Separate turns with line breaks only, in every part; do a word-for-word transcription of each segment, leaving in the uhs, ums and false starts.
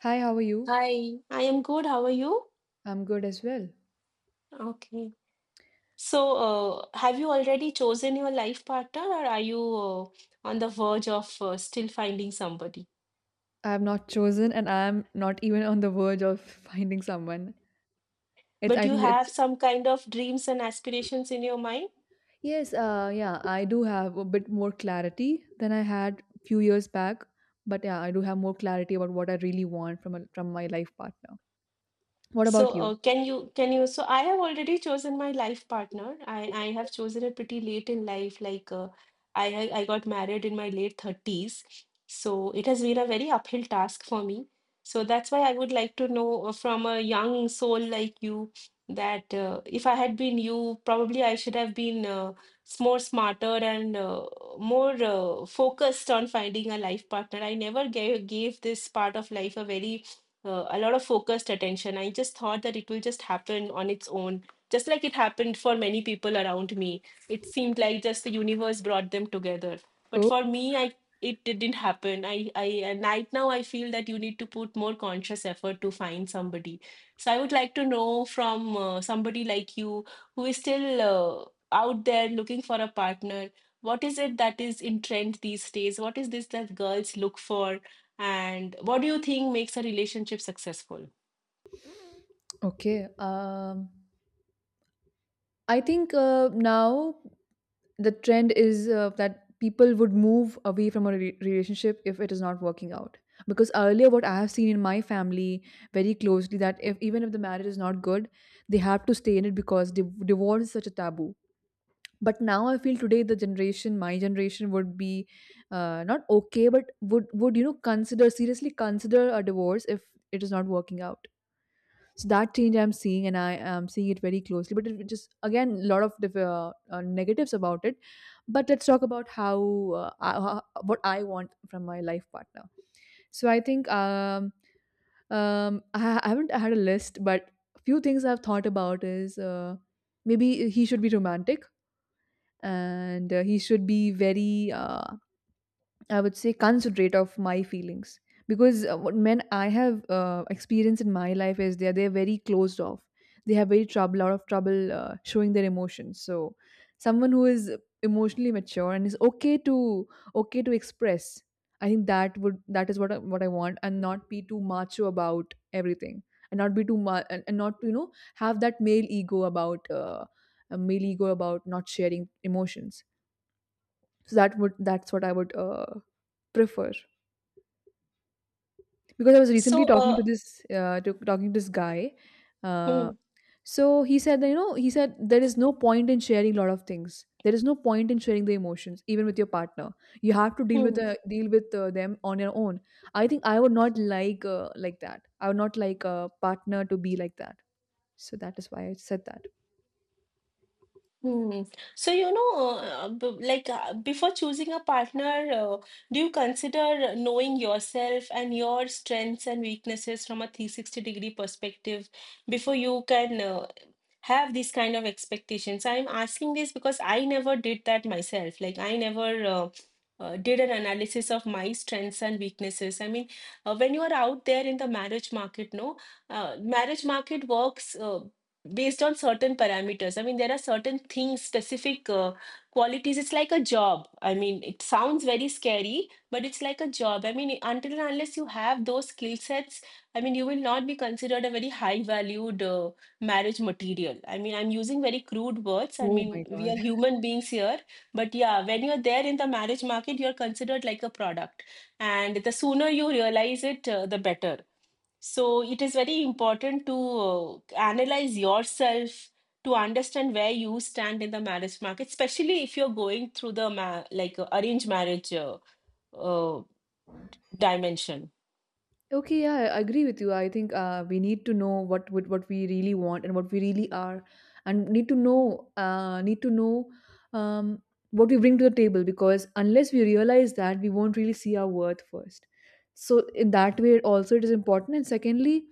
Hi, how are you?
Hi, I am good. How are you?
I'm good as well.
Okay. So, uh, have you already chosen your life partner, or are you uh, on the verge of uh, still finding somebody?
I have not chosen and I am not even on the verge of finding someone. It's
But
I
you
think
have
it's
some kind of dreams and aspirations in your mind?
Yes, uh yeah, I do have a bit more clarity than I had a few years back, but yeah, I do have more clarity about what I really want from a, from my life partner. What
So,
about you?
uh, can you can you? So, I have already chosen my life partner. I I have chosen it pretty late in life. Like, uh, I I I got married in my late thirties. So it has been a very uphill task for me. So that's why I would like to know uh, from a young soul like you that uh, if I had been you, probably I should have been uh, s- more smarter and uh, more uh, focused on finding a life partner. I never gave gave this part of life a very uh, a lot of focused attention. I just thought that it will just happen on its own, just like it happened for many people around me. It seemed like just the universe brought them together. But
Oh,
for me, I it didn't happen. I, I and right now I feel that you need to put more conscious effort to find somebody. So I would like to know from uh, somebody like you who is still uh, out there looking for a partner. What is it that is in trend these days? What is this that girls look for? And what do you think makes a relationship successful?
okay. Um I think uh, now the trend is uh, that people would move away from a re- relationship if it is not working out, because earlier what I have seen in my family very closely that if even if the marriage is not good, they have to stay in it, because div- divorce is such a taboo. But now I feel today the generation my generation would be uh, not okay, but would would you know consider seriously consider a divorce if it is not working out. So that change I'm seeing, and I am seeing it very closely, but it just again a lot of diff- uh, uh, negatives about it. But let's talk about how, uh, uh, ho- what I want from my life partner. So I think um, um, I, ha- I haven't had a list, but a few things I've thought about is uh, maybe he should be romantic, and uh, he should be very, uh, I would say, considerate of my feelings. Because uh, what men I have uh, experienced in my life is they are they're very closed off. They have very trouble, lot of trouble uh, showing their emotions. So, someone who is emotionally mature and is okay to okay to express, I think that would that is what I, what I want, and not be too macho about everything, and not be too ma- and, and not you know have that male ego about uh, a male ego about not sharing emotions. So that would that's what I would uh, prefer. Because I was
So,
recently talking to
uh,
this uh, to talking to this guy. Uh,
Hmm.
so he said that, you know, he said there is no point in sharing a lot of things. There is no point in sharing the emotions, even with your partner. You have to deal with
Hmm.
uh, deal with uh, them on your own. I think I would not like uh, like that. I would not like a partner to be like that. So that is why I said that.
Hmm. So, you know, uh, b- like uh, before choosing a partner, uh, do you consider knowing yourself and your strengths and weaknesses from a three sixty degree perspective before you can uh, have these kind of expectations? I'm asking this because I never did that myself. Like, I never uh, uh, did an analysis of my strengths and weaknesses. I mean, uh, when you are out there in the marriage market, no, uh, marriage market works uh, based on certain parameters. I mean, there are certain things specific, uh, qualities. It's like a job. I mean, it sounds very scary, but it's like a job. I mean, until and unless you have those skill sets, I mean, you will not be considered a very high valued, uh, marriage material. I mean, I'm using very crude words. I
Oh
mean,
my
we
god.
are human beings here, but yeah, when you're there in the marriage market, you're considered like a product. And the sooner you realize it, uh, the better. So it is very important to uh, analyze yourself to understand where you stand in the marriage market, especially if you're going through the ma- like uh, arranged marriage uh, uh, dimension.
Okay, yeah, I agree with you. I think uh, we need to know what, what what we really want and what we really are, and need to know uh, need to know um, what we bring to the table, because unless we realize that, we won't really see our worth first. So in that way, also it is important. And secondly,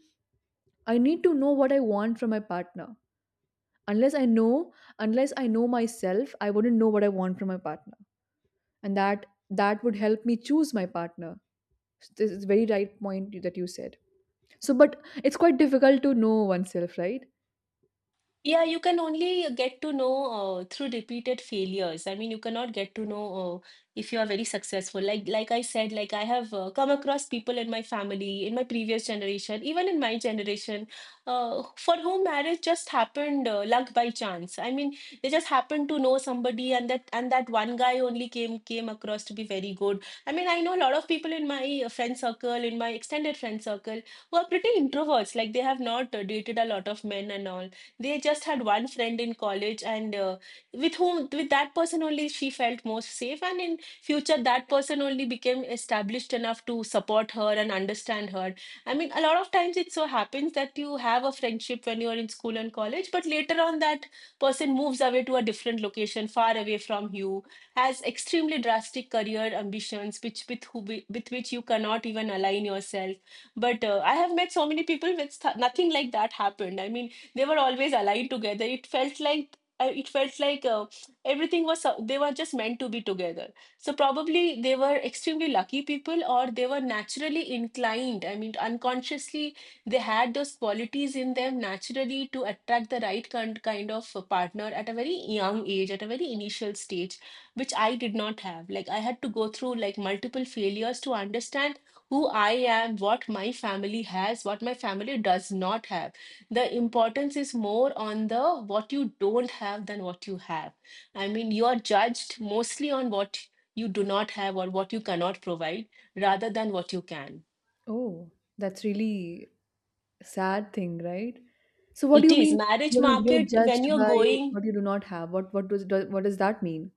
I need to know what I want from my partner. Unless I know, unless I know myself, I wouldn't know what I want from my partner, and that that would help me choose my partner. This is very right point that you said. So, but it's quite difficult to know oneself, right?
Yeah, you can only get to know uh, through repeated failures. I mean, you cannot get to know uh, if you are very successful. Like, like I said, like I have uh, come across people in my family, in my previous generation, even in my generation, uh, for whom marriage just happened uh, luck by chance. I mean, they just happened to know somebody, and that and that one guy only came came across to be very good. I mean, I know a lot of people in my uh, friend circle, in my extended friend circle, who are pretty introverts. Like, they have not uh, dated a lot of men and all. They just had one friend in college, and uh, with whom, with that person only, she felt most safe. And in future, that person only became established enough to support her and understand her. I mean, a lot of times it so happens that you have a friendship when you are in school and college, but later on, that person moves away to a different location, far away from you, has extremely drastic career ambitions, which with who with which you cannot even align yourself. But uh, I have met so many people with th- nothing like that happened. I mean, they were always allied together. It felt like uh, it felt like uh, everything was so- they were just meant to be together. So probably they were extremely lucky people, or they were naturally inclined. I mean, unconsciously, they had those qualities in them naturally to attract the right kind, kind of a partner at a very young age, at a very initial stage, which I did not have. Like, I had to go through like multiple failures to understand who I am, what my family has, what my family does not have. The importance is more on the what you don't have than what you have. I mean, you are judged mostly on what you do not have or what you cannot provide rather than what you can.
Oh, that's really sad thing, right? So, what do
It
you
is
mean?
marriage
You know, you're
market when
judged
you're
by
going.
what you do not have. What what does do- what does that mean?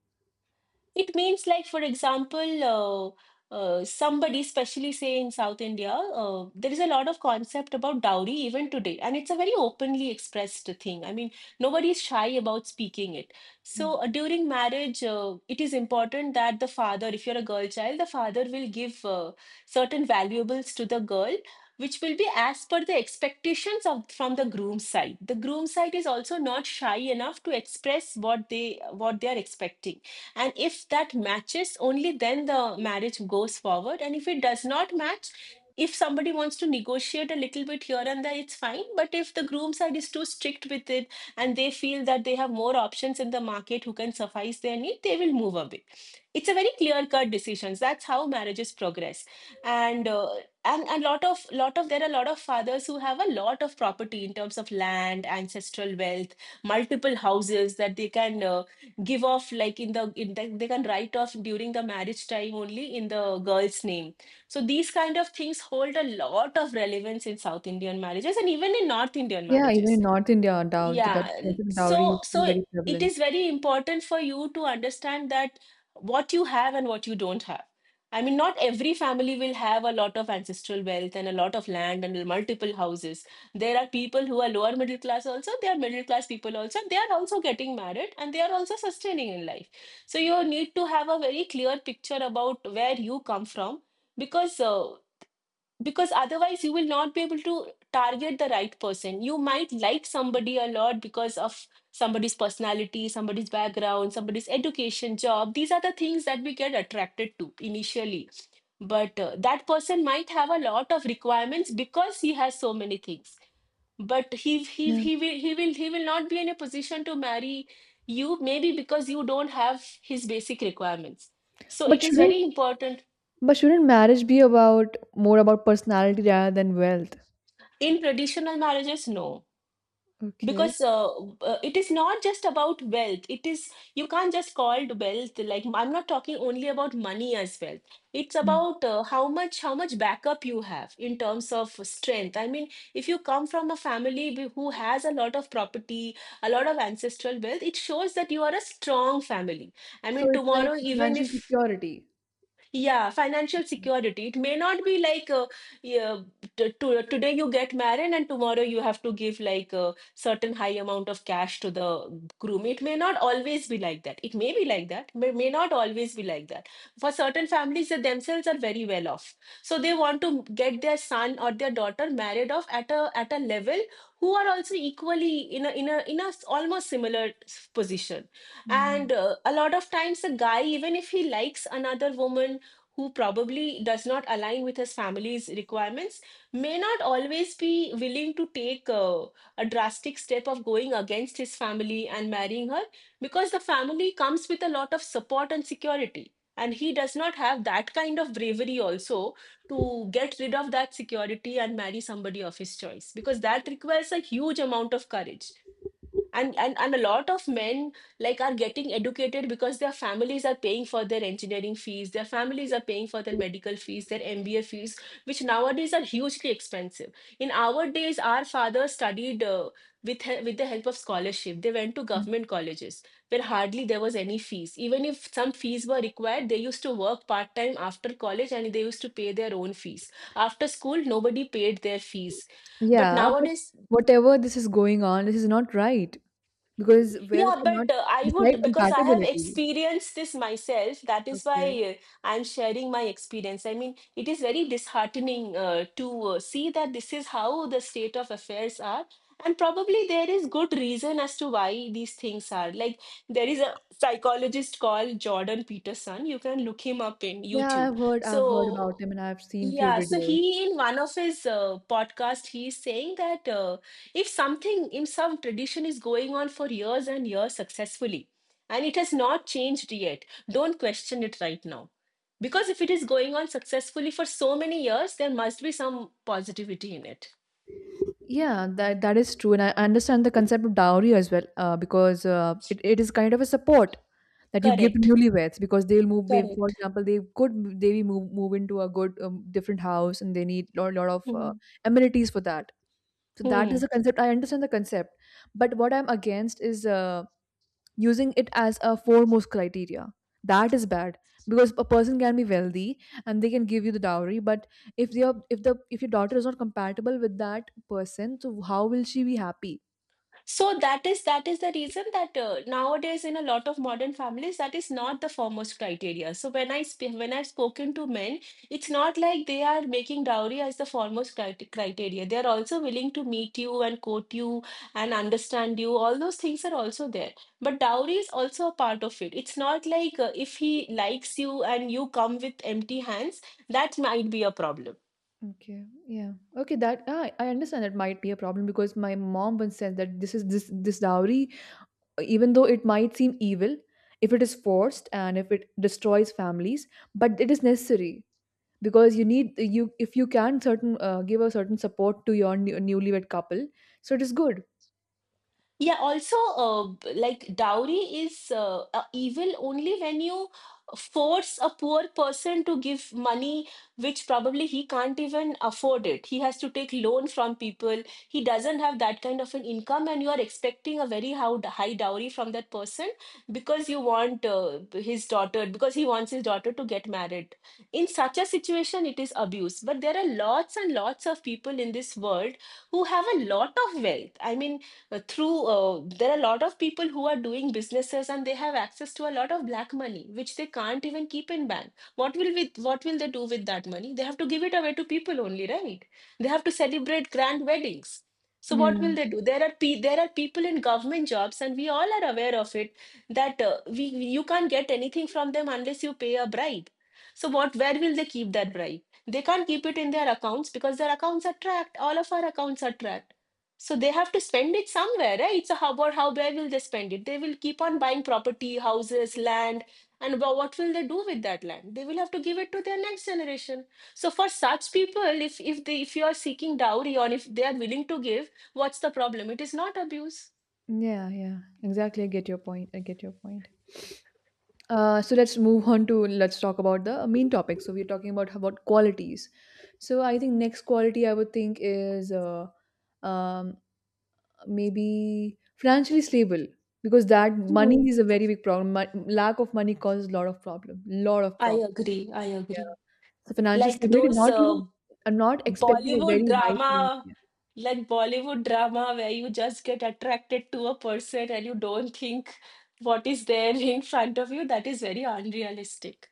It means like, for example, uh, uh, somebody, especially say in South India, uh, there is a lot of concept about dowry even today, and it's a very openly expressed thing. I mean, nobody is shy about speaking it.
Yeah,
So uh, during marriage, uh, it is important that the father, if you're a girl child, the father will give uh, certain valuables to the girl. Which will be as per the expectations of from the groom's side. The groom's side is also not shy enough to express what they what they are expecting, and if that matches, only then the marriage goes forward. And if it does not match, if somebody wants to negotiate a little bit here and there, it's fine. But if the groom side is too strict with it and they feel that they have more options in the market who can suffice their need, they will move away. It's a very clear-cut decision. That's how marriages progress. And uh, and a lot of lot of there are a lot of fathers who have a lot of property in terms of land, ancestral wealth, multiple houses that they can uh, give off, like in the in the, they can write off during the marriage time only in the girl's name. So these kind of things hold a lot of relevance in South Indian marriages and even in North Indian
yeah. Even
marriages.
in North India, dow that
Yeah, l-
concept of dowry
so
is still
so
very
it
prevalent.
is very important for you to understand that what you have and what you don't have. I mean, not every family will have a lot of ancestral wealth and a lot of land and multiple houses. There are people who are lower middle class also, they are middle class people also, and they are also getting married and they are also sustaining in life. So you need to have a very clear picture about where you come from, because uh, because otherwise you will not be able to target the right person. You might like somebody a lot because of somebody's personality, somebody's background, somebody's education, job. These are the things that we get attracted to initially, but uh, that person might have a lot of requirements because he has so many things, but he he
Yeah,
he will he will he will not be in a position to marry you, maybe because you don't have his basic requirements. So
but
it is
shouldn't
very important.
but shouldn't marriage be about more about personality rather than wealth?
In traditional marriages, no,
Okay.
because uh, uh, it is not just about wealth. It is, you can't just call it wealth. Like, I'm not talking only about money as wealth. It's about uh, how much how much backup you have in terms of strength. I mean, if you come from a family wi- who has a lot of property, a lot of ancestral wealth, it shows that you are a strong family. I
So
mean,
it's like
tomorrow, even
financial
if,
security.
yeah, financial security. It may not be like uh, yeah, t- to, today you get married and tomorrow you have to give like a certain high amount of cash to the groom. It may not always be like that. It may be like that, but may not always be like that. For certain families, they themselves are very well off, so they want to get their son or their daughter married off at a at a level who are also equally in a in a in a s- almost similar s- position.
Mm.
And uh, a lot of times, a guy, even if he likes another woman who probably does not align with his family's requirements, may not always be willing to take uh, a drastic step of going against his family and marrying her, because the family comes with a lot of support and security. And he does not have that kind of bravery also to get rid of that security and marry somebody of his choice because that requires a huge amount of courage and and and a lot of men like are getting educated because their families are paying for their engineering fees, their families are paying for their medical fees, their M B A fees, which nowadays are hugely expensive. In our days, our fathers studied uh, with he- with the help of scholarship, they went to
Yeah.
government colleges where hardly there was any fees. Even if some fees were required, they used to work part time after college, and they used to pay their own fees. After school, nobody paid their fees, but
Yeah, but
nowadays.
whatever this is going on, this is not right, because wealth
Yeah, but
cannot
uh, I
decide
would, because I have
compatibility.
experienced this myself, that is
Okay.
why uh, I'm sharing my experience. I mean, it is very disheartening uh, to uh, see that this is how the state of affairs are. And probably there is good reason as to why these things are. Like, there is a psychologist called Jordan Peterson. You can look him up in
Yeah,
YouTube.
I've heard I've heard about
So,
him, and I've seen few
yeah, so
videos.
he in one of his uh, podcast, he's saying that uh, if something in some tradition is going on for years and years successfully, and it has not changed yet, don't question it right now. Because if it is going on successfully for so many years, there must be some positivity in it.
Yeah, that that is true, and I understand the concept of dowry as well, uh, because uh, it, it is kind of a support that you give to
Correct,
newlyweds because they'll move. Maybe, for
correct.
example, they could m- they move move into a good um, different house, and they need lot lot of uh,
Hmm.
amenities for that. So that is a
Hmm.
concept. I understand the concept, but what I'm against is uh, using it as a foremost criteria. That is bad because a person can be wealthy and they can give you the dowry, but if they are, if the if your daughter is not compatible with that person, so how will she be happy?
So that is that is the reason that uh, nowadays in a lot of modern families, that is not the foremost criteria. So when I sp when I've spoken to men, it's not like they are making dowry as the foremost crit criteria. They are also willing to meet you and court you and understand you. All those things are also there. But dowry is also a part of it. It's not like uh, if he likes you and you come with empty hands, that might be a problem.
Okay, yeah. Okay, that ah, I understand that might be a problem, because my mom once said that this is this this dowry, even though it might seem evil, if it is forced and if it destroys families, but it is necessary. Because you need you if you can certain uh, give a certain support to your new, newlywed couple, so it is good.
Yeah, also, uh, b- like dowry is uh, uh, evil only when you force a poor person to give money, which probably he can't even afford it. He has to take loan from people. He doesn't have that kind of an income, and you are expecting a very how- high dowry from that person because you want uh, b- his daughter, because he wants his daughter to get married. In such a situation, it is abuse. But there are lots and lots of people in this world who have a lot of wealth. I mean, uh, through uh, there are a lot of people who are doing businesses, and they have access to a lot of black money, which they can't even keep in bank. What will With what will they do with that money? They have to give it away to people only, right? They have to celebrate grand weddings. So what will
Yeah,
they do? There are pe- there are people in government jobs, and we all are aware of it, that uh, we you can't get anything from them unless you pay a bribe. So what where will they keep that bribe? They can't keep it in their accounts because their accounts are tracked. All of our accounts are tracked. So they have to spend it somewhere, right? So how about how where will they spend it? They will keep on buying property, houses, land. And wha- what will they do with that land? They will have to give it to their next generation. So for such people, if if they if you are seeking dowry or if they are willing to give, what's the problem? It is not abuse.
yeah, yeah, exactly, i get your point i get your point uh, so let's move on to let's talk about the main topic. So we're talking about about qualities. So I think next quality I would think is uh, um, maybe financially stable, because that money
Hmm,
is a very big problem. Mon- lack of money causes a lot of problem lot of
I
problems.
agree. I agree.
So financial
Like
stability —
those
not even,
uh,
I'm not expecting a
Bollywood
very high thing.
drama,
Yeah.
like Bollywood drama, where you just get attracted to a person and you don't think what is there in front of you, that is very unrealistic.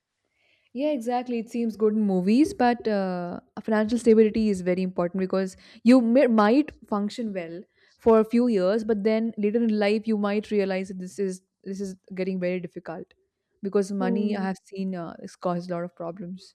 Yeah, exactly. It seems good in movies, but uh, financial stability is very important, because you may, might function well for a few years, but then later in life you might realize that this is this is getting very difficult, because money, I
Hmm.
have seen, uh, has caused a lot of problems.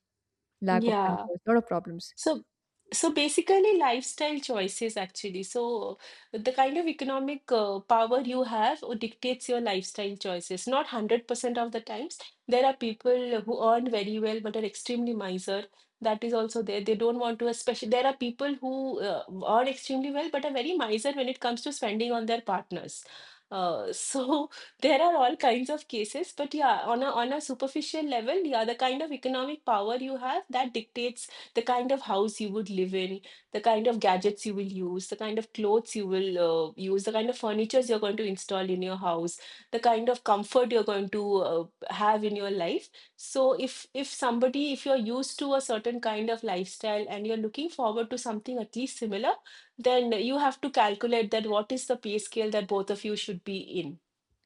Lack of money
Yeah.
caused a lot of problems.
So, so basically, lifestyle choices actually. So, the kind of economic uh, power you have uh, dictates your lifestyle choices. Not one hundred percent of the times. There are people who earn very well but are extremely miser. That is also there. They don't want to, especially, there are people who uh, earn extremely well but are very miser when it comes to spending on their partners. Uh, so there are all kinds of cases, but yeah, on a on a superficial level, yeah, the kind of economic power you have that dictates the kind of house you would live in, the kind of gadgets you will use, the kind of clothes you will uh, use, the kind of furniture you're going to install in your house, the kind of comfort you're going to uh, have in your life. So if if somebody if you're used to a certain kind of lifestyle and you're looking forward to something at least similar, then you have to calculate that what is the pay scale that both of you should be in.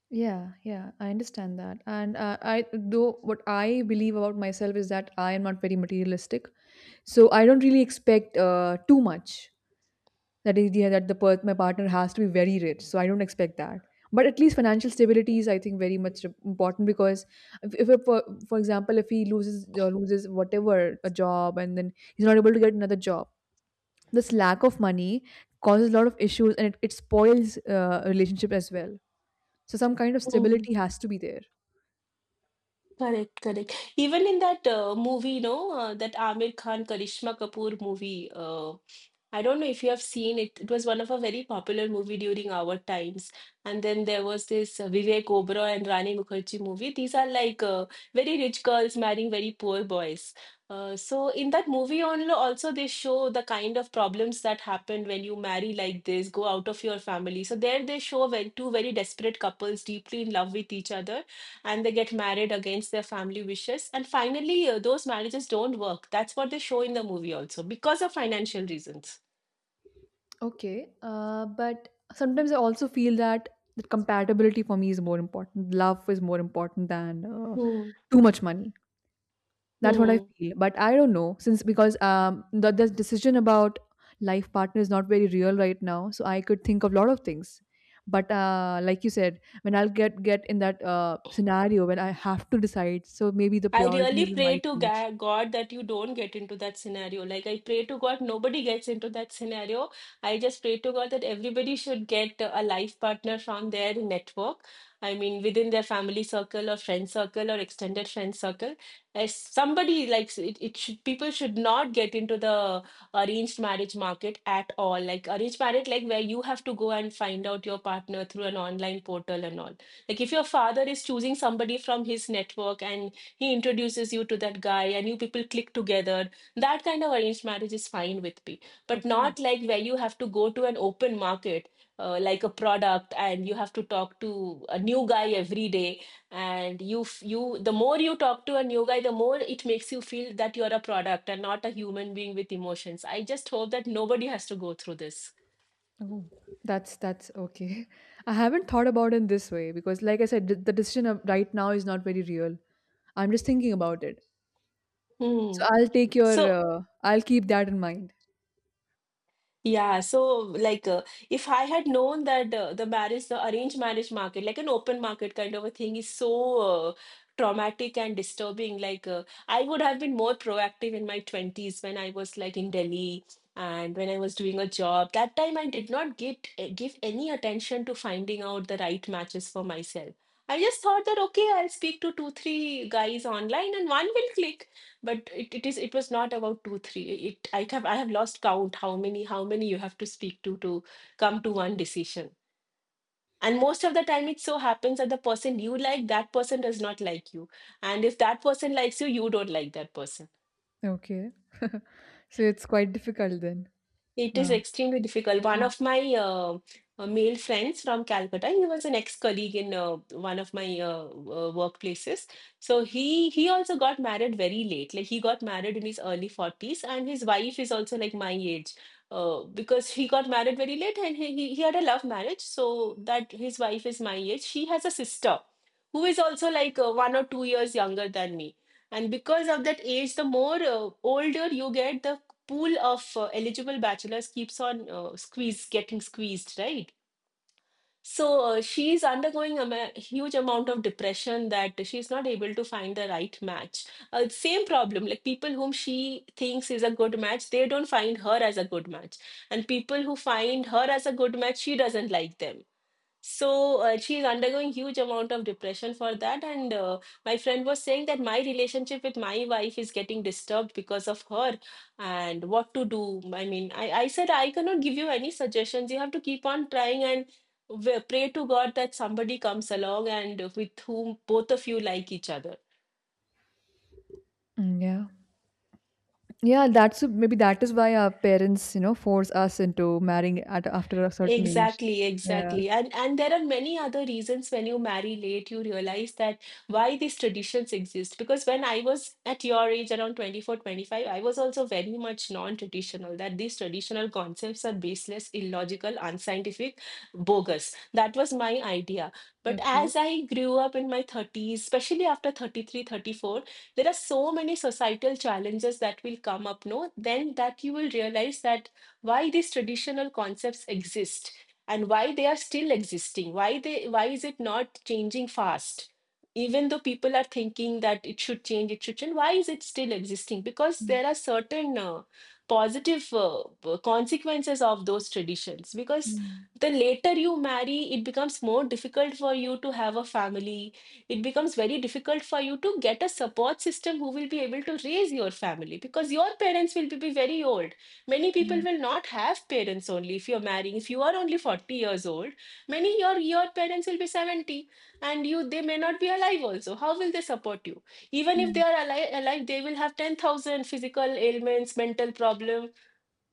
Yeah, yeah, I understand that. And uh, I, though, what I believe about myself is that I am not very materialistic, so I don't really expect uh, too much. That idea that the per- my partner has to be very rich, so I don't expect that. But at least financial stability is, I think, very much important, because if, if a, per- for example, if he loses uh, loses whatever a job and then he's not able to get another job, this lack of money causes a lot of issues, and it, it spoils uh, a relationship as well, so some kind of stability has to be there.
Correct, correct. Even in that uh, movie, no, uh, that Aamir Khan Karishma Kapoor movie, uh, I don't know if you have seen it. It was one of a very popular movie during our times. And then there was this uh, Vivek Oberoi and Rani Mukherjee movie. These are like uh, very rich girls marrying very poor boys. Uh, so in that movie only also they show the kind of problems that happen when you marry like this, go out of your family. So there they show when two very desperate couples deeply in love with each other and they get married against their family wishes. And finally, uh, those marriages don't work. That's what they show in the movie also because of financial reasons.
Okay, uh, but sometimes I also feel that that compatibility for me is more important. Love is more important than uh,
Hmm.
too much money. That's what I
Hmm.
feel. But I don't know, since because um the, the decision about life partner is not very real right now. So I could think of a lot of things. But uh, like you said, when I'll get get in that uh, scenario when I have to decide, so maybe the
I really
priorities
pray
might
to
change.
Ga- God that you don't get into that scenario. Like, I pray to God, nobody gets into that scenario. I just pray to God that everybody should get a life partner from their network. I mean, within their family circle or friend circle or extended friend circle. As somebody likes it, it should, people should not get into the arranged marriage market at all. Like, arranged marriage, like where you have to go and find out your partner through an online portal and all. Like, if your father is choosing somebody from his network and he introduces you to that guy and you people click together, that kind of arranged marriage is fine with me, but
Okay.
not like where you have to go to an open market uh, like a product, and you have to talk to a new guy every day. And you f- you the more you talk to a new guy, the more it makes you feel that you're a product and not a human being with emotions. I just hope that nobody has to go through this.
Oh, that's that's okay. I haven't thought about it in this way because, like I said, th- the decision of right now is not very real. I'm just thinking about it.
Hmm.
So I'll take your,
so
uh, I'll keep that in mind.
Yeah, so like uh, if I had known that uh, the marriage, the arranged marriage market, like an open market kind of a thing, is so uh, traumatic and disturbing, like uh, I would have been more proactive in my twenties when I was like in Delhi and when I was doing a job. That time I did not get uh, give any attention to finding out the right matches for myself. I just thought that okay, I'll speak to two, three guys online and one will click. But it, it is it was not about two three. It i have i have lost count how many how many you have to speak to to come to one decision. And most of the time it so happens that the person you like, that person does not like you. And if that person likes you, you don't like that person.
Okay. So it's quite difficult then.
It is
Wow.
extremely difficult. One
Mm.
of my uh, uh, male friends from Calcutta, he was an ex-colleague in uh, one of my uh, uh, workplaces. So he he also got married very late. Like he got married in his early forties, and his wife is also like my age. Uh, because he got married very late and he, he he had a love marriage, so that his wife is my age. She has a sister who is also like uh, one or two years younger than me. And because of that age, the more uh, older you get, the pool of uh, eligible bachelors keeps on uh, squeeze getting squeezed, right? So uh, she is undergoing a ma- huge amount of depression that she's not able to find the right match. Uh, same problem, like people whom she thinks is a good match, they don't find her as a good match. And people who find her as a good match, she doesn't like them. So uh, she is undergoing huge amount of depression for that. And uh, my friend was saying that my relationship with my wife is getting disturbed because of her. And what to do? I mean, i, I said I cannot give you any suggestions. You have to keep on trying and w- pray to God that somebody comes along and with whom both of you like each other.
Mm, yeah. Yeah. That's maybe that is why our parents, you know, force us into marrying at after a certain age.
Exactly,
Yeah.
exactly. And and there are many other reasons when you marry late, you realize that why these traditions exist. Because when I was at your age, around twenty four, twenty five, I was also very much non-traditional, that these traditional concepts are baseless, illogical, unscientific, bogus. That was my idea. But
Okay.
as I grew up in my thirties, especially after thirty three, thirty four, there are so many societal challenges that will come up, no? Then that you will realize that why these traditional concepts exist, and why they are still existing. Why they why is it not changing fast, even though people are thinking that it should change it should change? Why is it still existing? Because
Mm,
there are certain uh, positive, uh, uh, consequences of those traditions. Because
yeah.
the later you marry, it becomes more difficult for you to have a family. It becomes very difficult for you to get a support system who will be able to raise your family, because your parents will be be very old. Many people
Yeah.
will not have parents, only if you're marrying, if you are only forty years old, many, your your parents will be seventy, and you, they may not be alive also. How will they support you? Even if they
Yeah.
are alive, alive they will have ten thousand physical ailments, mental problem,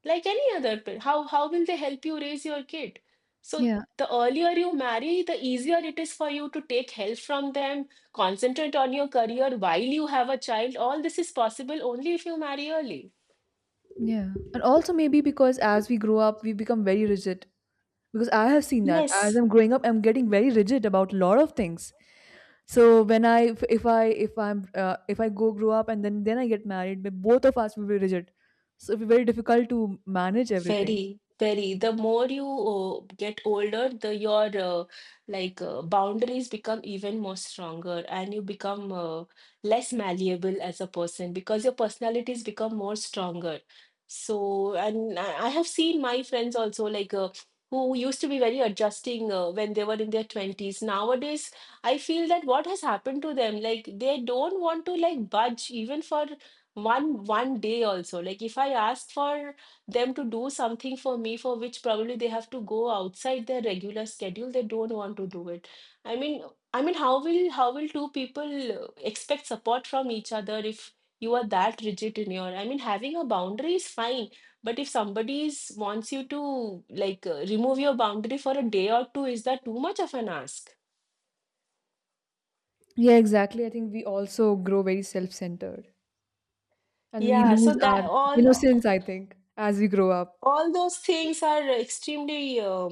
like any other pa- how how will they help you raise your kid. So
Yeah.
the earlier you marry, the easier it is for you to take help from them, concentrate on your career while you have a child. All this is possible only if you marry early.
Yeah. And also maybe because as we grow up, we become very rigid, because I have seen that as
Yes.
I'm growing up, I'm getting very rigid about a lot of things. So when I, if, if I, if I'm, uh, if I go grow up and then then I get married, but both of us will be rigid, so it'll be very difficult to manage everything.
Very, very. The more you uh, get older, the your uh, like uh, boundaries become even more stronger, and you become uh, less malleable as a person because your personalities become more stronger. So, and I I have seen my friends also, like uh, who used to be very adjusting uh, when they were in their twenties. Nowadays, I feel that what has happened to them, like they don't want to like budge even for one one day also. Like if I ask for them to do something for me, for which probably they have to go outside their regular schedule, they don't want to do it. I mean, i mean how will how will two people uh, expect support from each other, if you are that rigid in your, I mean, having a boundary is fine, but if somebody is, wants you to like uh, remove your boundary for a day or two, is that too much of an ask?
Yeah, exactly. I think we also grow very self centered and we
Yeah, so
lose
that
our
all
innocence, I think, as we grow up.
all those things are extremely uh,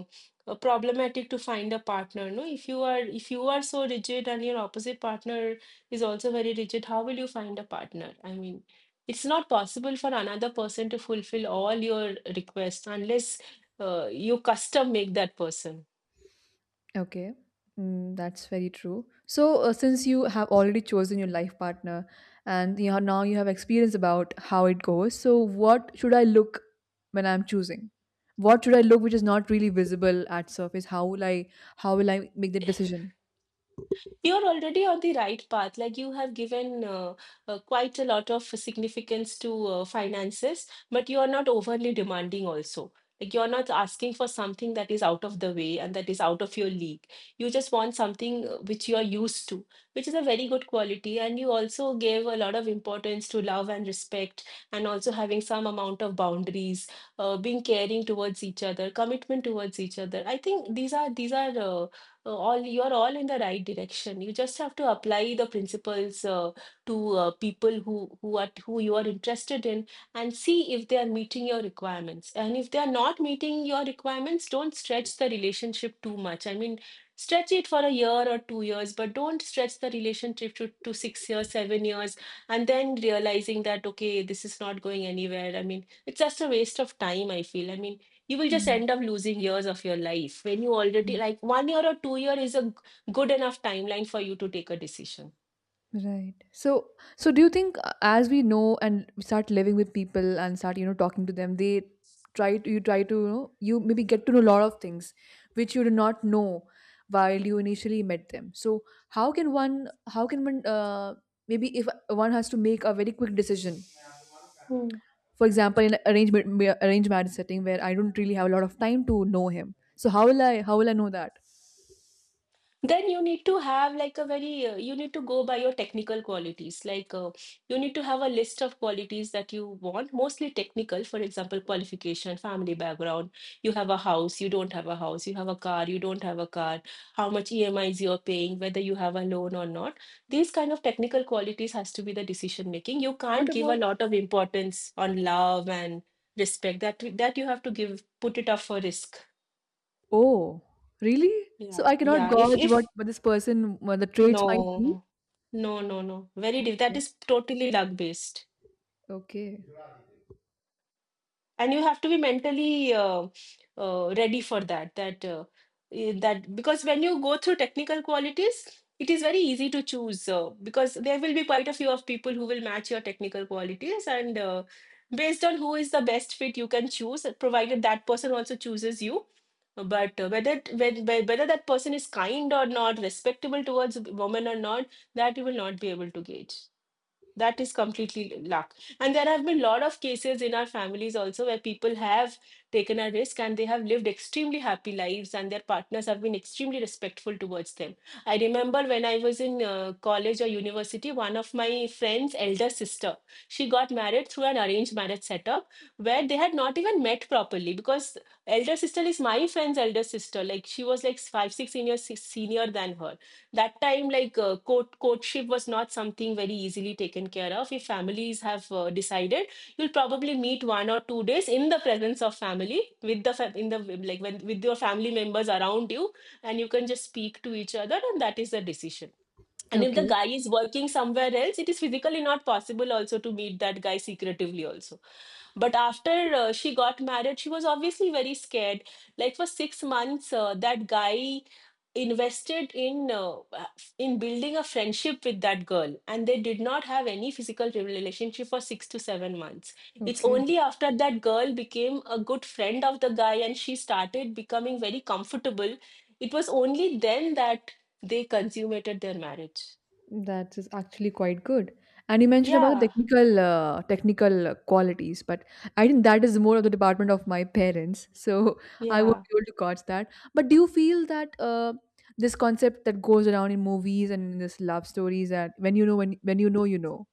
uh, problematic to find a partner, no? If you are, if you are so rigid, and your opposite partner is also very rigid, how will you find a partner? I mean, it's not possible for another person to fulfill all your requests unless uh, you custom make that person.
Okay, mm, that's very true. So, uh, since you have already chosen your life partner and you have — now you have experience about how it goes — so what should I look when I'm choosing? What should I look which is not really visible at surface? How will I how will I make the decision?
You're already on the right path. Like you have given uh, uh, quite a lot of significance to uh, finances, but you are not overly demanding also. Like you're not asking for something that is out of the way and that is out of your league. You just want something uh, which you are used to, which is a very good quality. And you also gave a lot of importance to love and respect, and also having some amount of boundaries, uh, being caring towards each other, commitment towards each other. I think these are these are uh, uh, all you're all in the right direction. You just have to apply the principles uh, to uh, people who who are who you are interested in, and see if they are meeting your requirements. And if they are not meeting your requirements, don't stretch the relationship too much. I mean, stretch it for a year or two years, but don't stretch the relationship to, to six years, seven years, and then realizing that okay, this is not going anywhere. I mean, it's just a waste of time, I feel. I mean, you will just
Yeah.
end up losing years of your life, when you already like one year or two year is a g- good enough timeline for you to take a decision.
Right. So, so do you think uh, as we know and we start living with people and start, you know, talking to them, they try to, you try to, you know, you maybe get to know a lot of things which you did not know while you initially met them. So how can one, how can one, uh, maybe if one has to make a very quick decision, for example, in arrangement, ma- arranged marriage setting where I don't really have a lot of time to know him, so how will I, how will I know that?
Then you need to have like a very uh, you need to go by your technical qualities, like uh, you need to have a list of qualities that you want, mostly technical, for example, qualification, family background, you have a house, you don't have a house, you have a car, you don't have a car, how much emis you're paying, whether you have a loan or not. These kind of technical qualities has to be the decision making. You
What
can't give a
about
lot of importance on love and respect, that that you have to give, put it up for risk.
Oh, really?
Yeah.
So I cannot
Yeah, if
gauge what,
if
what this person, what the traits might be?
no. No, no, no. Very diff. That
Okay,
is totally luck based,
okay,
and you have to be mentally uh, uh, ready for that. That uh, eh, that because when you go through technical qualities, it is very easy to choose, uh, because there will be quite a few of people who will match your technical qualities, and uh, based on who is the best fit, you can choose, provided that person also chooses you. But uh, whether whe- whe- whether that person is kind or not, respectable towards women or not, that you will not be able to gauge. That is completely luck. And there have been a lot of cases in our families also, where people have taken a risk and they have lived extremely happy lives, and their partners have been extremely respectful towards them. I remember when I was in uh, college or university, one of my friend's elder sister, she got married through an arranged marriage setup, where they had not even met properly, because elder sister is my friend's elder sister. Like she was like five, six seniors senior than her that time. Like uh, court courtship was not something very easily taken care of. If families have uh, decided, you'll probably meet one or two days in the presence of family with the fa- in the like when with your family members around you, and you can just speak to each other, and that is the decision. And if the
okay,
guy is working somewhere else, it is physically not possible also to meet that guy secretively also. But after uh, she got married, she was obviously very scared, like for six months, uh, that guy invested in uh, in building a friendship with that girl, and they did not have any physical relationship for six to seven months. It's
okay.
only after that girl became a good friend of the guy, and she started becoming very comfortable, it was only then that they consummated their marriage.
That is actually quite good. And you mentioned about the
Yeah.
technical, uh, technical uh, qualities, but I think that is more of the department of my parents, so I won't
Yeah.
be able to gauge that. But do you feel that uh, this concept that goes around in movies and in this love stories, that when you know, when when you know, you know,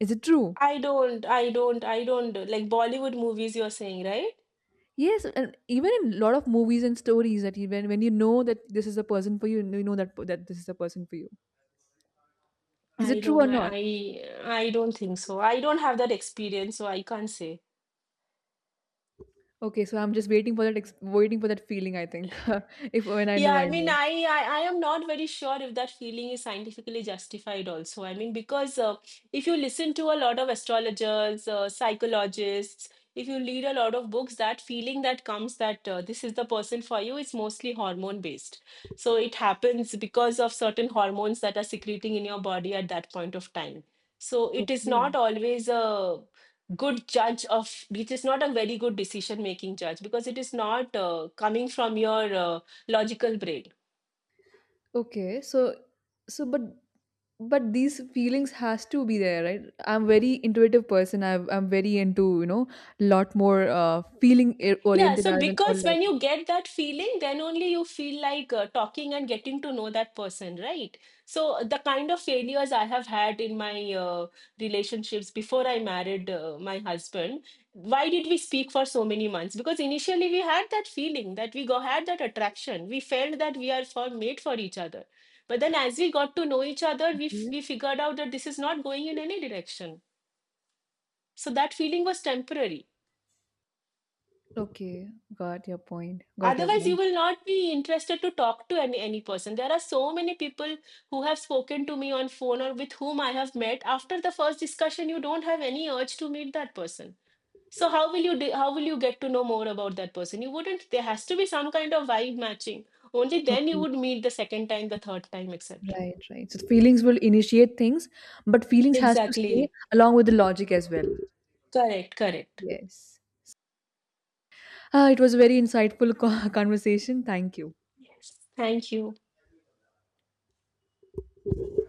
is it true?
i don't i don't I don't like Bollywood movies, you're saying, right?
Yes, and even in lot of movies and stories that even when you know that this is a person for you, you know that that this is a person for you. Is
i
it true
don't
or
i
not?
i, I don't think so. I don't have that experience, so I can't say.
Okay, so I'm just waiting for that ex- waiting for that feeling. I think if when I
Yeah,
know,
I
I
mean,
know.
I, I I am not very sure if that feeling is scientifically justified also. I mean, because uh, if you listen to a lot of astrologers, uh, psychologists, if you read a lot of books, that feeling that comes that uh, this is the person for you is mostly hormone based. So it happens because of certain hormones that are secreting in your body at that point of time. So it is
Okay,
not always a good judge of, it is not a very good decision making judge, because it is not uh, coming from your Uh, logical brain.
okay. So, so but but these feelings has to be there, right? I'm very intuitive person. I I'm very into you know lot more uh, feeling i-
Yeah,
oriented
so
rather than or
because when you
logical.
get that feeling, then only you feel like uh, talking and getting to know that person, right? So, uh, the kind of failures I have had in my uh, relationships before I married uh, my husband, why did we speak for so many months? Because initially we had that feeling that we go, had that attraction. We felt that we are for, made for each other. But then, as we got to know each other, we, f-
Okay,
we figured out that this is not going in any direction. So, that feeling was temporary.
okay. Got your point. Got your
Otherwise, you
point.
will not be interested to talk to any, any person. There are so many people who have spoken to me on phone or with whom I have met. After the first discussion, you don't have any urge to meet that person. So how will you de- how will you get to know more about that person? You wouldn't. There has to be some kind of vibe matching. Only then you
Okay.
would meet the second time, the third time, et cetera.
Right, right. So the feelings will initiate things, but feelings has to stay
Exactly.
along with the logic as well.
Correct. Correct.
Yes. Ah, it was a very insightful co- conversation. Thank you.
Yes. Thank you.